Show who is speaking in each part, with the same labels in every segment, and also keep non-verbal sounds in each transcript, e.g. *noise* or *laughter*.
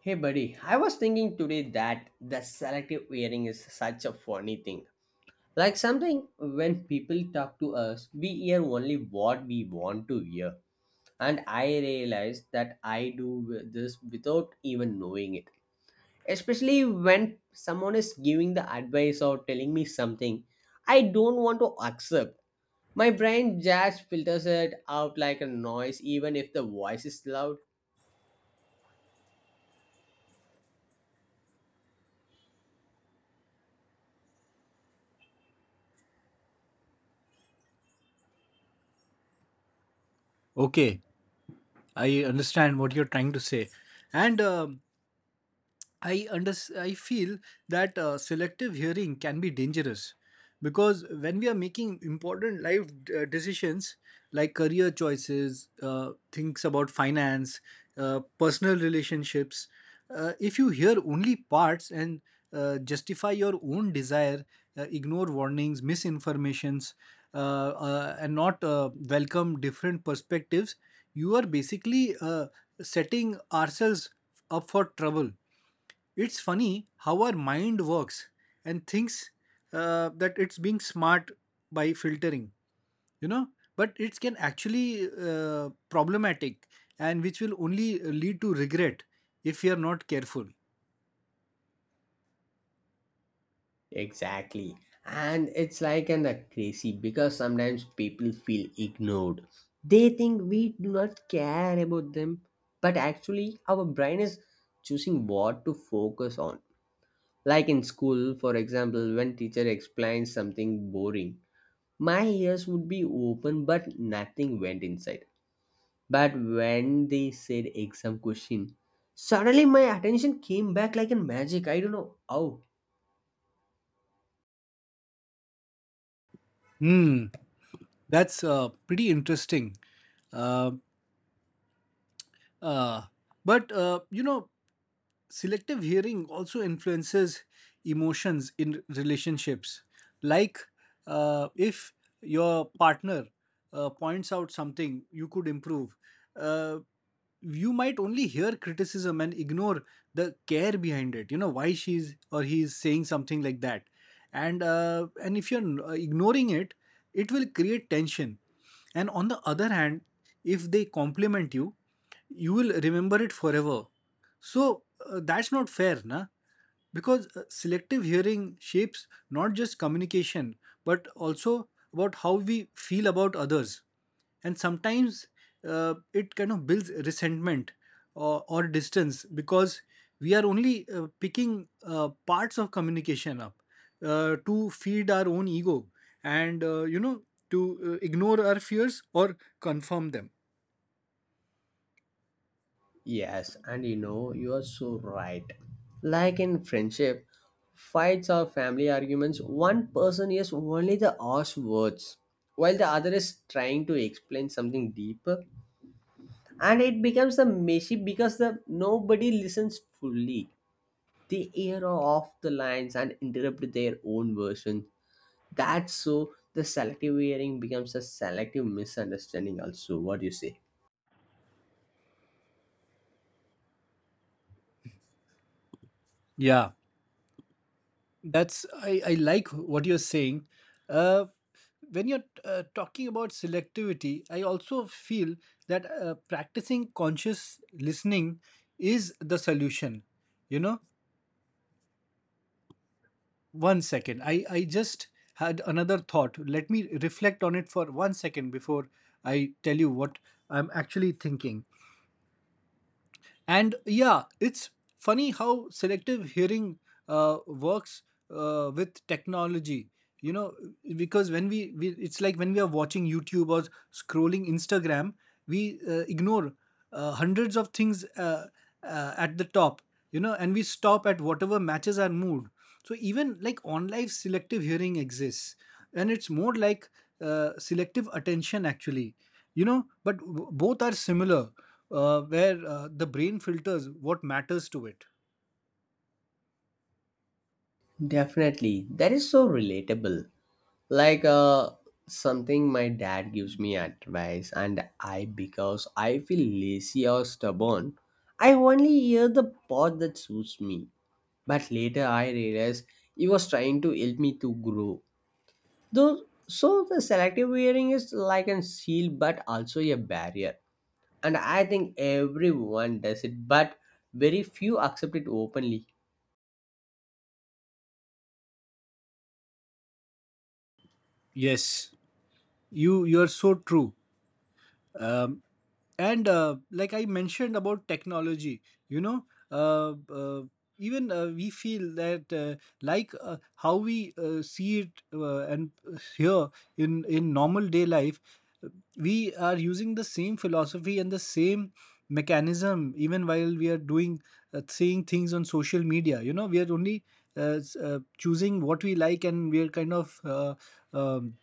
Speaker 1: Hey, buddy, I was thinking today that the selective hearing is such a funny thing. Like something when people talk to us, we hear only what we want to hear. And I realize that I do this without even knowing it. Especially when someone is giving the advice or telling me something I don't want to accept. My brain just filters it out like a noise, even if the voice is loud.
Speaker 2: Okay, I understand what you're trying to say. And I feel that selective hearing can be dangerous because when we are making important life decisions like career choices, things about finance, personal relationships, if you hear only parts and justify your own desire, ignore warnings, misinformations, and not welcome different perspectives, you are basically setting ourselves up for trouble. It's funny how our mind works and thinks that it's being smart by filtering, you know, but it can actually problematic, and which will only lead to regret if we are not careful.
Speaker 1: Exactly. And it's like an crazy because sometimes people feel ignored. They think we do not care about them, but actually our brain is choosing what to focus on. Like in school, for example, when teacher explains something boring, my ears would be open but nothing went inside. But when they said exam question, suddenly my attention came back like in magic. I don't know how.
Speaker 2: Hmm, that's pretty interesting. Uh, uh, but uh, you know, Selective hearing also influences emotions in relationships. Like if your partner points out something you could improve, uh, you might only hear criticism and ignore the care behind it. You know why she's or he's saying something like that, and if you're ignoring it, it will create tension. And on the other hand, if they compliment you, you will remember it forever, so that's not fair, na? Because selective hearing shapes not just communication, but also about how we feel about others. And sometimes it kind of builds resentment or distance, because we are only picking parts of communication up to feed our own ego and to ignore our fears or confirm them.
Speaker 1: Yes, and you know, you are so right. Like in friendship, fights or family arguments, one person hears only the harsh words, while the other is trying to explain something deeper, and it becomes a messy because the nobody listens fully. They hear off the lines and interrupt their own version. That's so the selective hearing becomes a selective misunderstanding. Also, what do you say?
Speaker 2: Yeah. That's I like what you're saying. Uh, when you're talking about selectivity, I also feel that practicing conscious listening is the solution. You know, 1 second. I just had another thought. Let me reflect on it for 1 second before I tell you what I'm actually thinking. And yeah, it's funny how selective hearing works with technology. You know, because it's like when we are watching YouTube or scrolling Instagram, we ignore hundreds of things at the top, you know, and we stop at whatever matches our mood. So even like on life selective hearing exists, and it's more like selective attention actually, you know, but both are similar, where the brain filters what matters to it.
Speaker 1: Definitely, that is so relatable. like uh something my dad gives me advice and I because I feel lazy or stubborn, I only hear the part that suits me, but later I realize he was trying to help me to grow, though. So the selective hearing is like a shield but also a barrier, and I think everyone does it but very few accept it openly.
Speaker 2: Yes. You are so true. Um, and Like I mentioned about technology, you know, uh, uh, even we feel that like how we see it and here in normal day life, we are using the same philosophy and the same mechanism even while we are doing seeing things on social media. You know, we are only choosing what we like, and we are kind of um,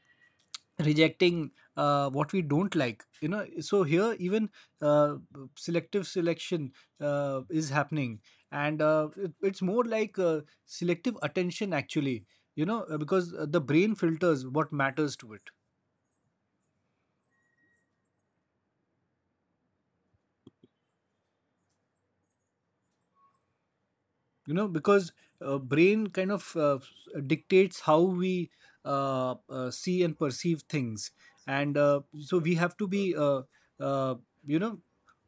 Speaker 2: rejecting what we don't like, you know. So here even uh, selective selection is happening, and it's more like selective attention actually, you know, because the brain filters what matters to it, you know, because brain kind of dictates how we see and perceive things, and so we have to be uh, you know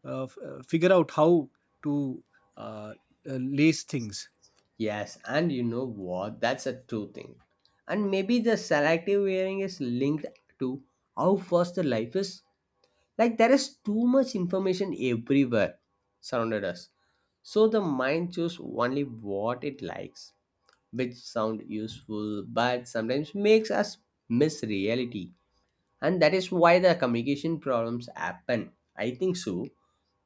Speaker 2: figure out how to uh, uh, lace things.
Speaker 1: Yes, and you know what? That's a true thing. And maybe the selective wearing is linked to how fast the life is. Like there is too much information everywhere surrounded us. So the mind chooses only what it likes, which sound useful but sometimes makes us miss reality. And that is why the communication problems happen. I think so.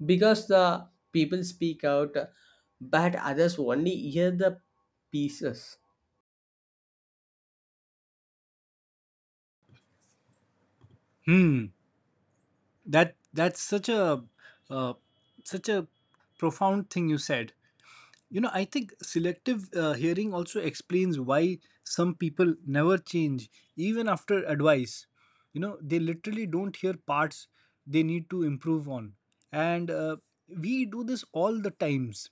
Speaker 1: Because the people speak out but others only hear the pieces.
Speaker 2: That's such a uh, such a profound thing you said. You know, I think selective hearing also explains why some people never change, even after advice. You know, they literally don't hear parts they need to improve on. And We do this all the times.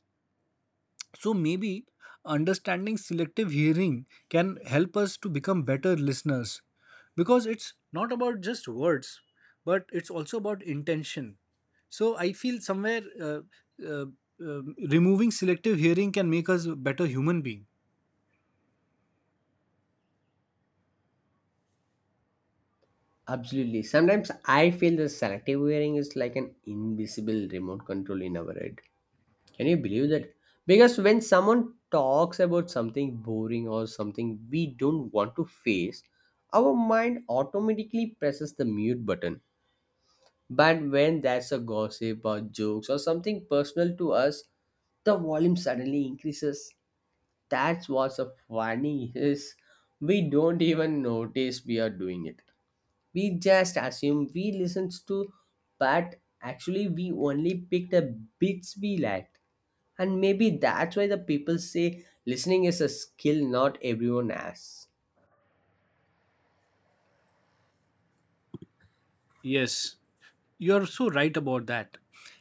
Speaker 2: So maybe understanding selective hearing can help us to become better listeners, because it's not about just words, but it's also about intention. So I feel somewhere uh, uh, removing selective hearing can make us a better human being.
Speaker 1: Absolutely. Sometimes I feel the selective wearing is like an invisible remote control in our head. Can you believe that? Because when someone talks about something boring or something we don't want to face, our mind automatically presses the mute button. But when there's a gossip or jokes or something personal to us, the volume suddenly increases. That's what's so funny is we don't even notice we are doing it, we just assume we listened to, but actually we only picked the bits we liked. And maybe that's why the people say listening is a skill not everyone has.
Speaker 2: Yes, you're so right about that.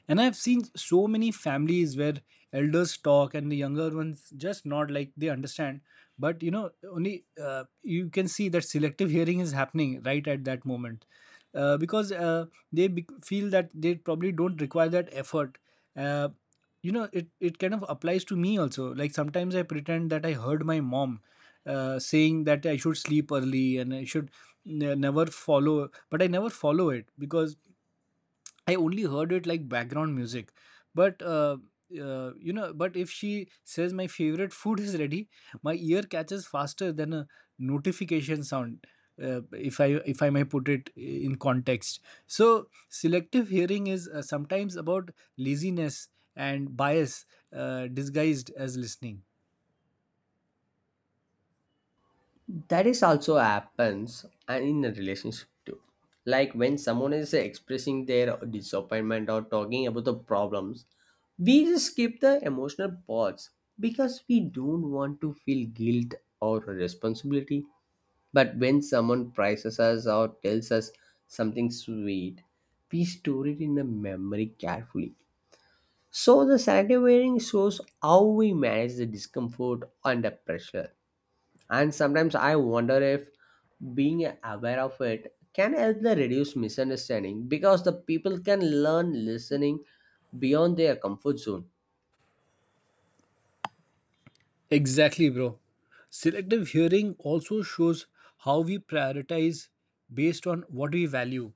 Speaker 2: And I've seen so many families where elders talk and the younger ones just nod like they understand. But you know, only you can see that selective hearing is happening right at that moment, because feel that they probably don't require that effort. Uh, you know, it kind of applies to me also. Like sometimes I pretend that I heard my mom saying that I should sleep early and I should never follow, but I never follow it, because I only heard it like background music. But you know, but if she says my favorite *laughs* food is ready, my ear catches faster than a notification sound. Uh, if I if I may put it in context, so selective hearing is sometimes about laziness and bias disguised as listening.
Speaker 1: That is also happens, and in a relationship too. Like when someone is expressing their disappointment or talking about the problems, we just skip the emotional parts because we don't want to feel guilt or responsibility. But when someone praises us or tells us something sweet, we store it in the memory carefully. So the selective wearing shows how we manage the discomfort under pressure. And sometimes I wonder if being aware of it can help the reduce misunderstanding because the people can learn listening beyond their comfort zone.
Speaker 2: Exactly, bro. Selective hearing also shows how we prioritize based on what we value.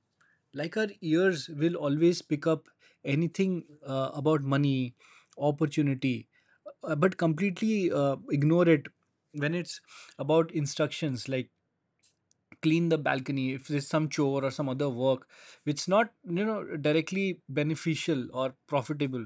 Speaker 2: Like our ears will always pick up anything about money, opportunity, but completely ignore it when it's about instructions like clean the balcony, if there's some chore or some other work which not, you know, directly beneficial or profitable.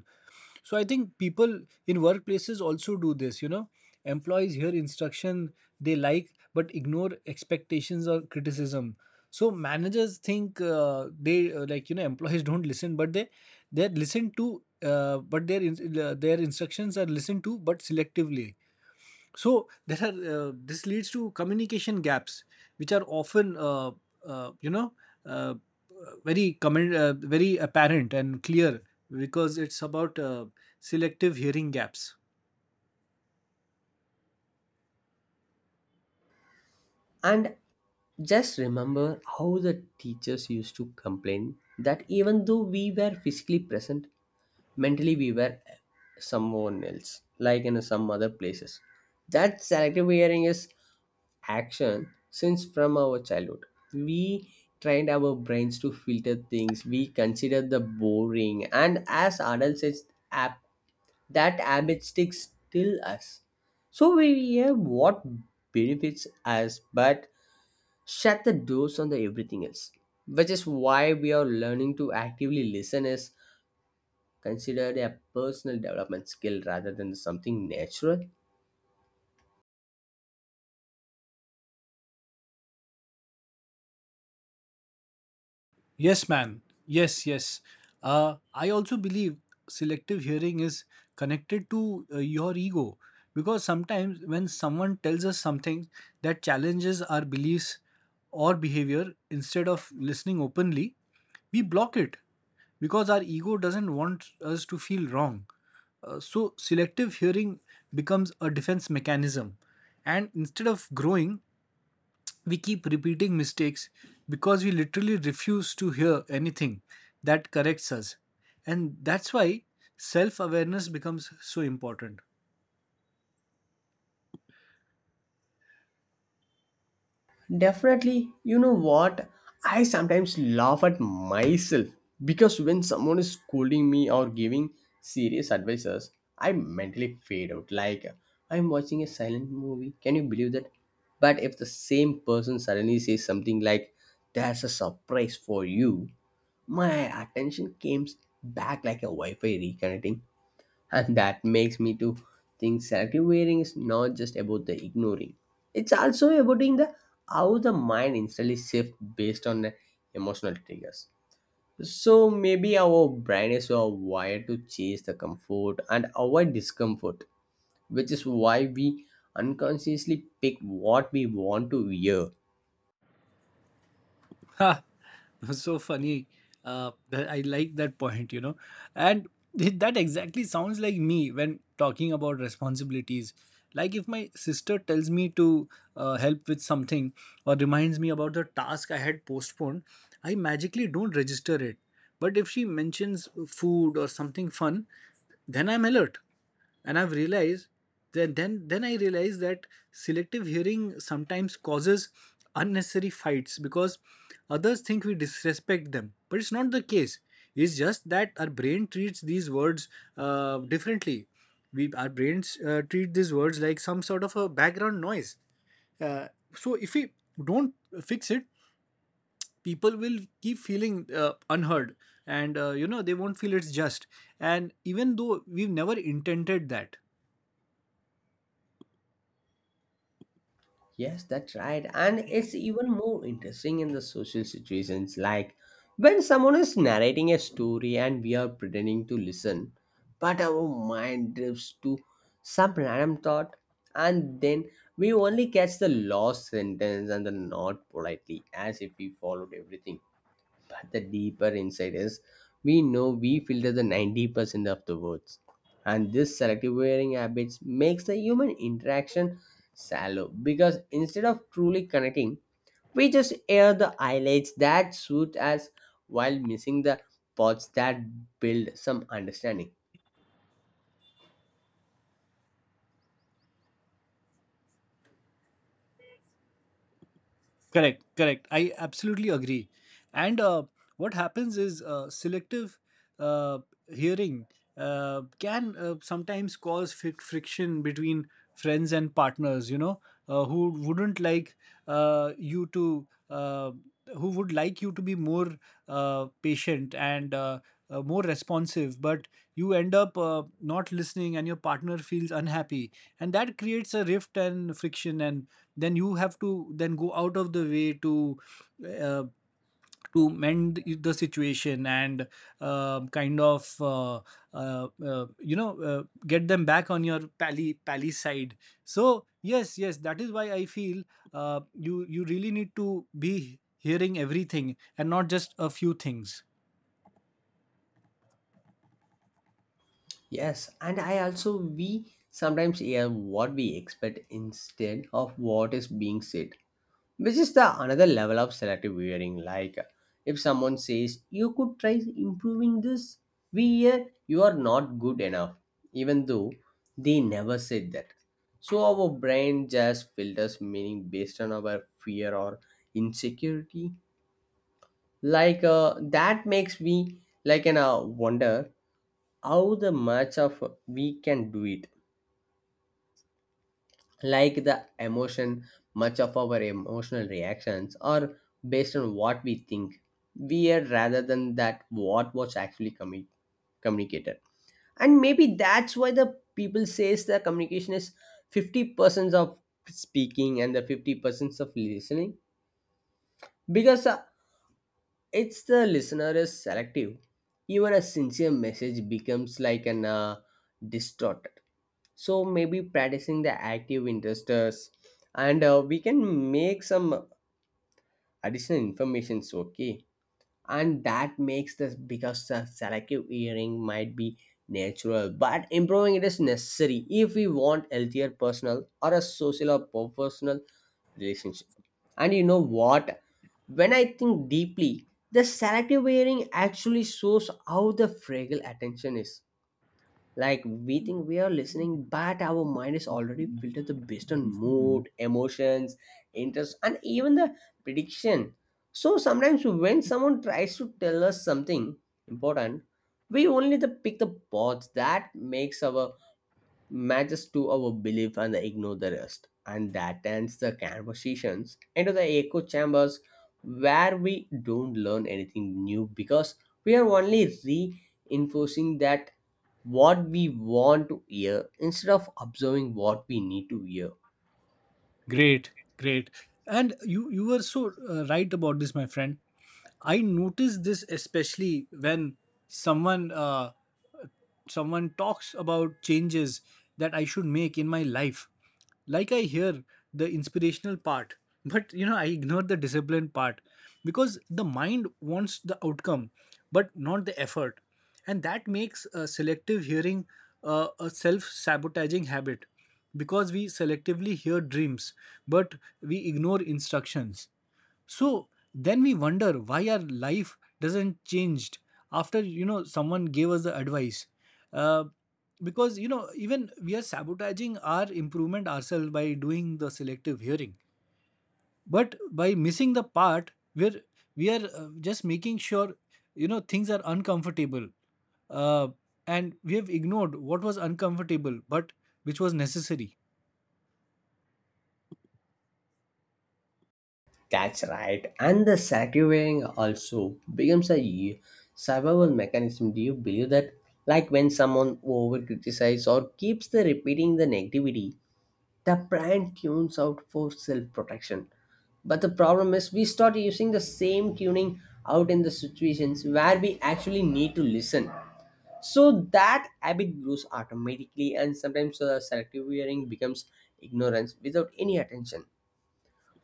Speaker 2: So I think people in workplaces also do this, you know. Employees hear instruction they like, but ignore expectations or criticism. So managers think they like, you know, employees don't listen, but they're listened to, uh, but their in, their instructions are listened to, but selectively. So there are this leads to communication gaps, which are often uh, you know uh, very apparent and clear, because it's about selective hearing gaps.
Speaker 1: And just remember how the teachers used to complain that even though we were physically present, mentally we were someone else, like in some other places. That selective hearing is action since from our childhood. We trained our brains to filter things we consider the boring, and as adults it's app, that habit sticks till us. So we hear what benefits us but shut the doors on the everything else, which is why we are learning to actively listen is considered a personal development skill rather than something natural?
Speaker 2: Yes, man. Yes, yes. I also believe selective hearing is connected to your ego, because sometimes when someone tells us something that challenges our beliefs or behavior, instead of listening openly, we block it, because our ego doesn't want us to feel wrong. So, selective hearing becomes a defense mechanism, and instead of growing, we keep repeating mistakes, because we literally refuse to hear anything that corrects us. And that's why self awareness becomes so important.
Speaker 1: Definitely, you know what? I sometimes laugh at myself because when someone is scolding me or giving serious advices, I mentally fade out. Like I'm watching a silent movie. Can you believe that? But if the same person suddenly says something like, "There's a surprise for you," my attention comes back like a Wi Fi reconnecting. And that makes me to think selective wearing is not just about the ignoring, it's also about in the how the mind instantly shifts based on the emotional triggers. So maybe our brain is so wired to chase the comfort and avoid discomfort, which is why we unconsciously pick what we want to hear.
Speaker 2: Ha, *laughs* so funny. I like that point, you know. And that exactly sounds like me when talking about responsibilities. Like if my sister tells me to help with something, or reminds me about the task I had postponed, I magically don't register it. But if she mentions food or something fun, then I'm alert. And I've realized then I realized that selective hearing sometimes causes unnecessary fights, because others think we disrespect them, but it's not the case. It's just that our brain treats these words differently we Our brains treat these words like some sort of a background noise. uh, so if we don't fix it, people will keep feeling unheard, and you know, they won't feel it's just, and even though we've never intended that.
Speaker 1: Yes, that's right. And it's even more interesting in the social situations, like when someone is narrating a story and we are pretending to listen, but our mind drifts to some random thought, and then we only catch the lost sentence and the not politely, as if we followed everything. But the deeper insight is we know we filter the 90% of the words. And this selective wearing habits makes the human interaction shallow because instead of truly connecting, we just air the highlights that suit us while missing the parts that build some understanding.
Speaker 2: Correct, correct. I absolutely agree. And What happens is selective uh, hearing can sometimes cause friction between friends and partners, you know, who wouldn't like you to, who would like you to be more patient and more responsive, but you end up not listening, and your partner feels unhappy, and that creates a rift and friction. And then you have to then go out of the way uh, to mend the situation, and um kind of uh, uh, you know, get them back on your pally pally side. So yes, yes, that is why I feel you really need to be hearing everything and not just a few things.
Speaker 1: Yes, and I also we sometimes hear what we expect instead of what is being said, which is the another level of selective wearing. Like if someone says you could try improving this, we hear you are not good enough, even though they never said that. So our brain just filters meaning based on our fear or insecurity. That makes me like an wonder how the much of we can do it. Like the emotion, much of our emotional reactions are based on what we think we are rather than that what was actually communicated. And maybe that's why the people says the communication is 50% of speaking and the 50% of listening, because it's the listener is selective, even a sincere message becomes like an distorted. So maybe practicing the active interesters, and we can make some additional informations, okay. And that makes this because the selective hearing might be natural but improving it is necessary if we want healthier personal or a social or professional relationship. And you know what, when I think deeply, the selective hearing actually shows how the fragile attention is. Like we think we are listening but our mind is already filtered the based on mood, emotions, interest, and even the prediction. So sometimes when someone tries to tell us something important, we only the pick the parts that makes our matches to our belief and ignore the rest. And that ends the conversations into the echo chambers where we don't learn anything new because we are only reinforcing that what we want to hear instead of observing what we need to hear.
Speaker 2: Great, great. And you were so right about this, my friend. I noticed this especially when someone uh, someone talks about changes that I should make in my life, like I hear the inspirational part, but you know, I ignore the discipline part, because the mind wants the outcome but not the effort. And that makes selective hearing a self sabotaging habit, because we selectively hear dreams, but we ignore instructions. So then we wonder why our life doesn't changed after, you know, someone gave us the advice. Uh, because you know even we are sabotaging our improvement ourselves by doing the selective hearing, but by missing the part where we are just making sure you know things are uncomfortable, uh, and we have ignored what was uncomfortable but which was necessary.
Speaker 1: That's right. And the sacrificing also becomes a survival mechanism. Do you believe that? Like when someone over criticizes or keeps the repeating the negativity, the brand tunes out for self protection. But the problem is, we start using the same tuning out in the situations where we actually need to listen. So that habit grows automatically, and sometimes selective hearing becomes ignorance without any attention.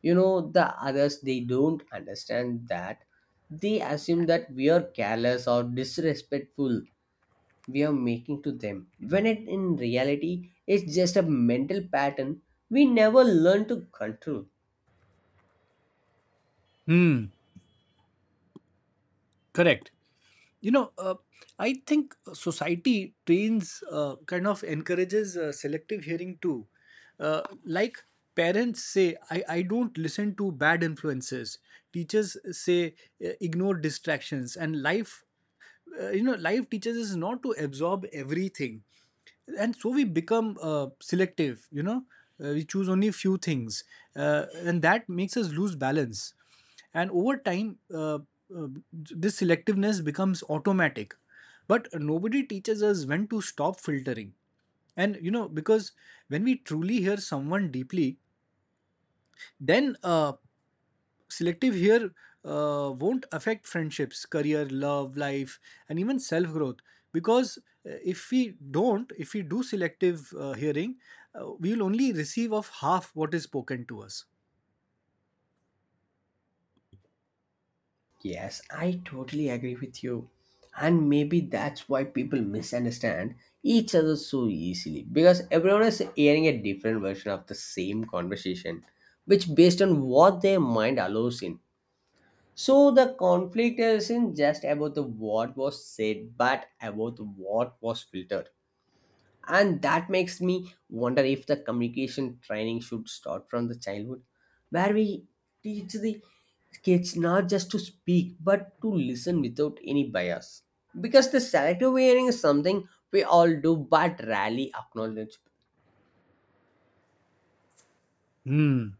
Speaker 1: You know, the others they don't understand that, they assume that we are careless or disrespectful we are making to them, when it in reality is just a mental pattern we never learn to control.
Speaker 2: Hmm, correct. You know, I think society trains, kind of encourages selective hearing too. Like, parents say I don't listen to bad influences, teachers say, ignore distractions, and life, you know, life teaches us not to absorb everything. And so we become selective, you know, we choose only few things, and that makes us lose balance. And over time, uh, this selectiveness becomes automatic, but nobody teaches us when to stop filtering. And you know, because when we truly hear someone deeply, then selective here won't affect friendships, career, love, life, and even self growth. Because if we don't, if we do selective hearing, we'll only receive of half what is spoken to us.
Speaker 1: Yes, I totally agree with you. And maybe that's why people misunderstand each other so easily because everyone is hearing a different version of the same conversation, which based on what their mind allows in. So the conflict isn't just about the what was said, but about what was filtered. And that makes me wonder if the communication training should start from the childhood where we teach the kids not just to speak but to listen without any bias, because the selective hearing is something we all do but rarely acknowledge.
Speaker 2: Hmm.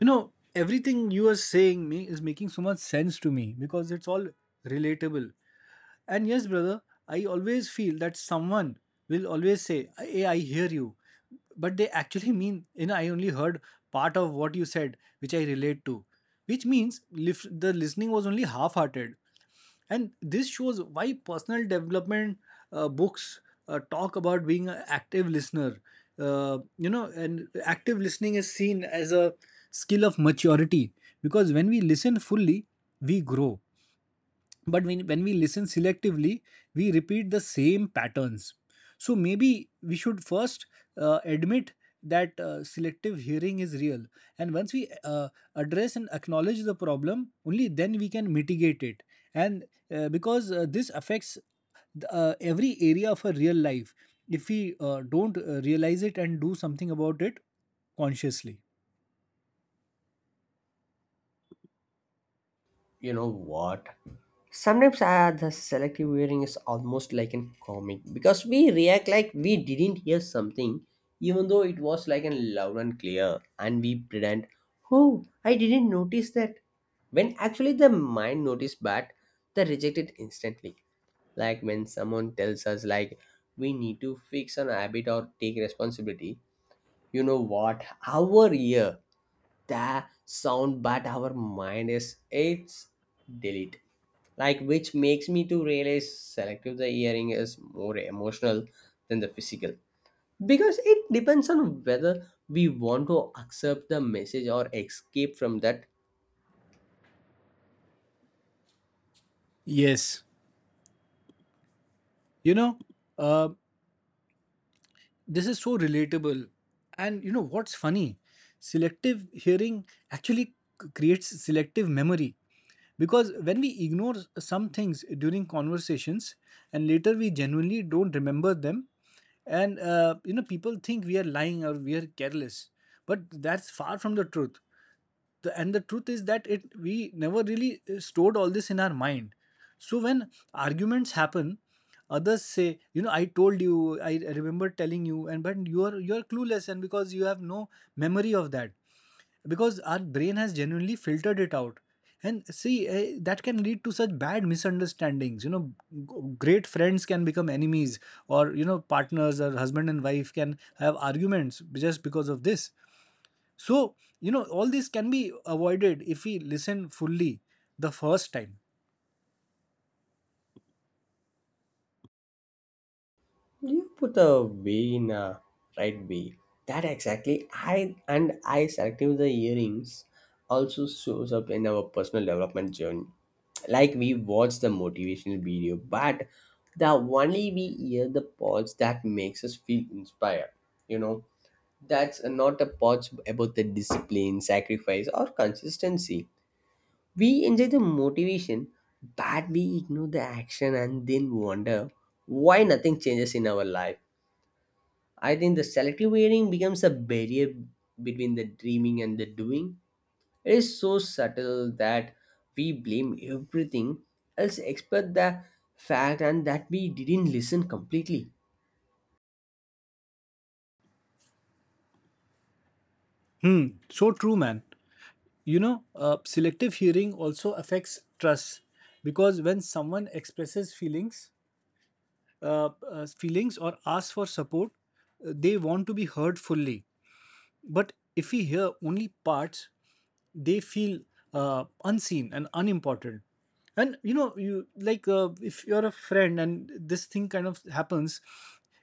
Speaker 2: You know, everything you are saying me is making so much sense to me because it's all relatable. And yes, brother, I always feel that someone will always say, "Hey, I hear you." But they actually mean, you know, I only heard part of what you said, which I relate to. Which means the listening was only half hearted. And this shows why personal development books talk about being an active listener. You know, and active listening is seen as a skill of maturity, because when we listen fully, we grow, but when we listen selectively we repeat the same patterns. So maybe we should first admit that selective hearing is real, and once we address and acknowledge the problem, only then we can mitigate it. And because this affects every area of our real life if we don't realize it and do something about it consciously.
Speaker 1: You know what, sometimes the selective hearing is almost like a comic because we react like we didn't hear something even though it was like a loud and clear, and we pretend, oh, I didn't notice that, when actually the mind notice but they reject it instantly. Like when someone tells us like we need to fix an habit or take responsibility, you know what, our ear that sound but our mind is it's delete. Like which makes me to realize selective the hearing is more emotional than the physical, because it depends on whether we want to accept the message or escape from that.
Speaker 2: Yes, you know, uh, this is so relatable. And you know what's funny, selective hearing actually creates selective memory, because when we ignore some things during conversations and later we genuinely don't remember them. And you know, people think we are lying or we are careless, but that's far from the truth. And the truth is that it we never really stored all this in our mind. So when arguments happen, others say, you know, I told you, I remember telling you, and but you are clueless, and because you have no memory of that, because our brain has genuinely filtered it out. And see, that can lead to such bad misunderstandings, you know. Great friends can become enemies, or you know, partners or husband and wife can have arguments just because of this. So, you know, all this can be avoided if we listen fully the first time.
Speaker 1: You put a way in a right way. That exactly. I and I selective the earrings also shows up in our personal development journey. Like we watch the motivational video, but the only we hear the parts that makes us feel inspired. You know, that's not a parts about the discipline, sacrifice, or consistency. We enjoy the motivation, but we ignore the action and then wonder why nothing changes in our life. I think the selective wearing becomes a barrier between the dreaming and the doing. It is so subtle that we blame everything else except the fact and that we didn't listen completely.
Speaker 2: Hmm, so true, man. You know, selective hearing also affects trust, because when someone expresses feelings, feelings or asks for support, they want to be heard fully. But if we hear only parts, they feel unseen and unimportant. And you know, you like if you're a friend and this thing kind of happens,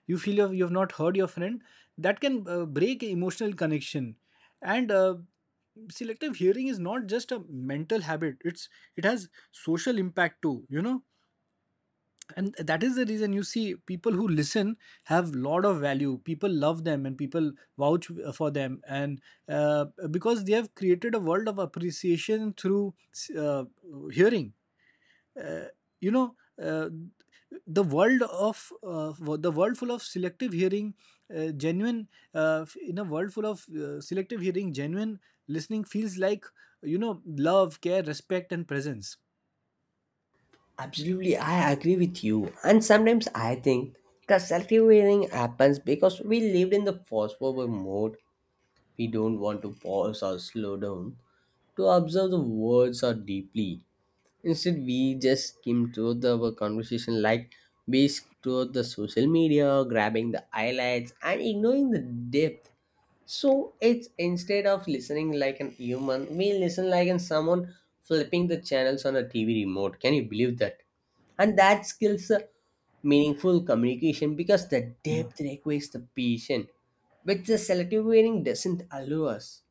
Speaker 2: you feel you've not heard your friend. That can break emotional connection. And selective hearing is not just a mental habit, it's it has social impact too, you know. And that is the reason you see people who listen have lot of value, people love them, and people vouch for them. And because they have created a world of appreciation through uh, hearing, you know. Uh, the world of the world full of selective hearing genuine In a world full of selective hearing, genuine listening feels like, you know, love, care, respect, and presence.
Speaker 1: Absolutely, I agree with you. And sometimes I think the selective wearing happens because we lived in the fast forward mode. We don't want to pause or slow down to observe the words or deeply. Instead, we just skim through the our conversation like based through the social media, grabbing the highlights and ignoring the depth. So it's instead of listening like an human, we listen like an someone flipping the channels on a TV remote. Can you believe that? And that skills a meaningful communication because the depth requires the patient, which the selective hearing doesn't allow us.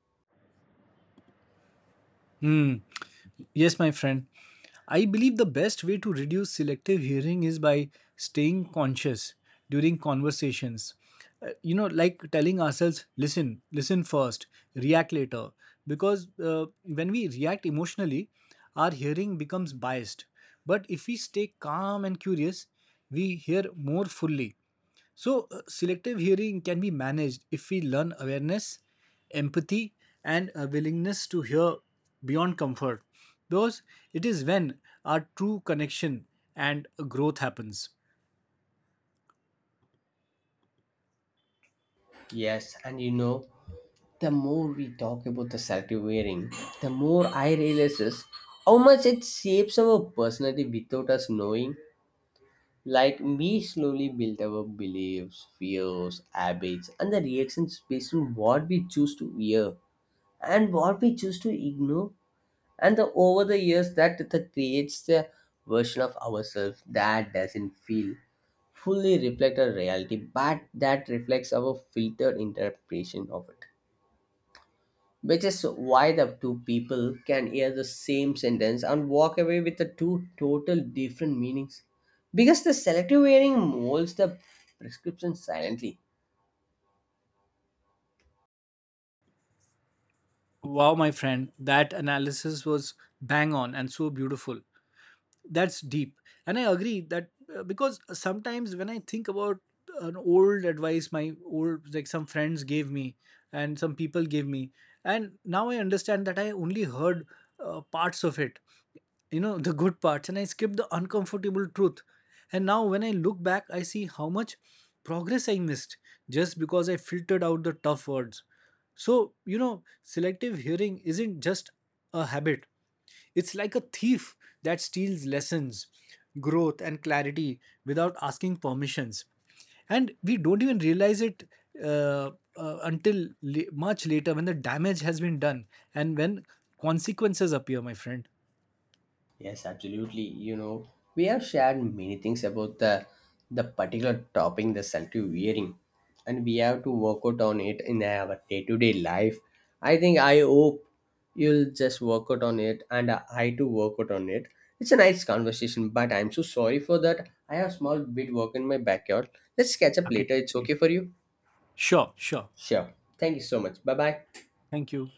Speaker 2: Hmm. Yes, my friend. I believe the best way to reduce selective hearing is by staying conscious during conversations. You know, like telling ourselves, listen, listen first, react later. Because when we react emotionally, our hearing becomes biased. But if we stay calm and curious, we hear more fully. So, selective hearing can be managed if we learn awareness, empathy, and a willingness to hear beyond comfort. Because it is when our true connection and growth happens.
Speaker 1: Yes, and you know the more we talk about the selective wearing, the more I realizes how much it shapes our personality without us knowing. Like we slowly build our beliefs, fears, habits, and the reactions based on what we choose to wear and what we choose to ignore. And the, over the years, that, that creates the version of ourselves that doesn't feel fully reflect our reality, but that reflects our filtered interpretation of it, which is why the two people can hear the same sentence and walk away with the two total different meanings, because the selective hearing molds the prescription silently.
Speaker 2: Wow, my friend, that analysis was bang on and so beautiful. That's deep. And I agree that because sometimes when I think about an old advice my old like some friends gave me and some people gave me, and now I understand that I only heard parts of it, you know, the good parts, and I skipped the uncomfortable truth. And now when I look back, I see how much progress I missed just because I filtered out the tough words. So, you know, selective hearing isn't just a habit, it's like a thief that steals lessons, growth, and clarity without asking permissions. And we don't even realize it uh, until much later when the damage has been done and when consequences appear, my friend.
Speaker 1: Yes, absolutely. You know, we have shared many things about the particular topping, the salty wearing, and we have to work out on it in our day-to-day life. I think I hope you'll just work out on it, and I too work out on it. It's a nice conversation, but I'm so sorry for that. I have small bit work in my backyard. Let's catch up
Speaker 2: Okay.
Speaker 1: later. It's okay for you?
Speaker 2: Sure, sure.
Speaker 1: Sure. Thank you so much. Bye bye.
Speaker 2: Thank you.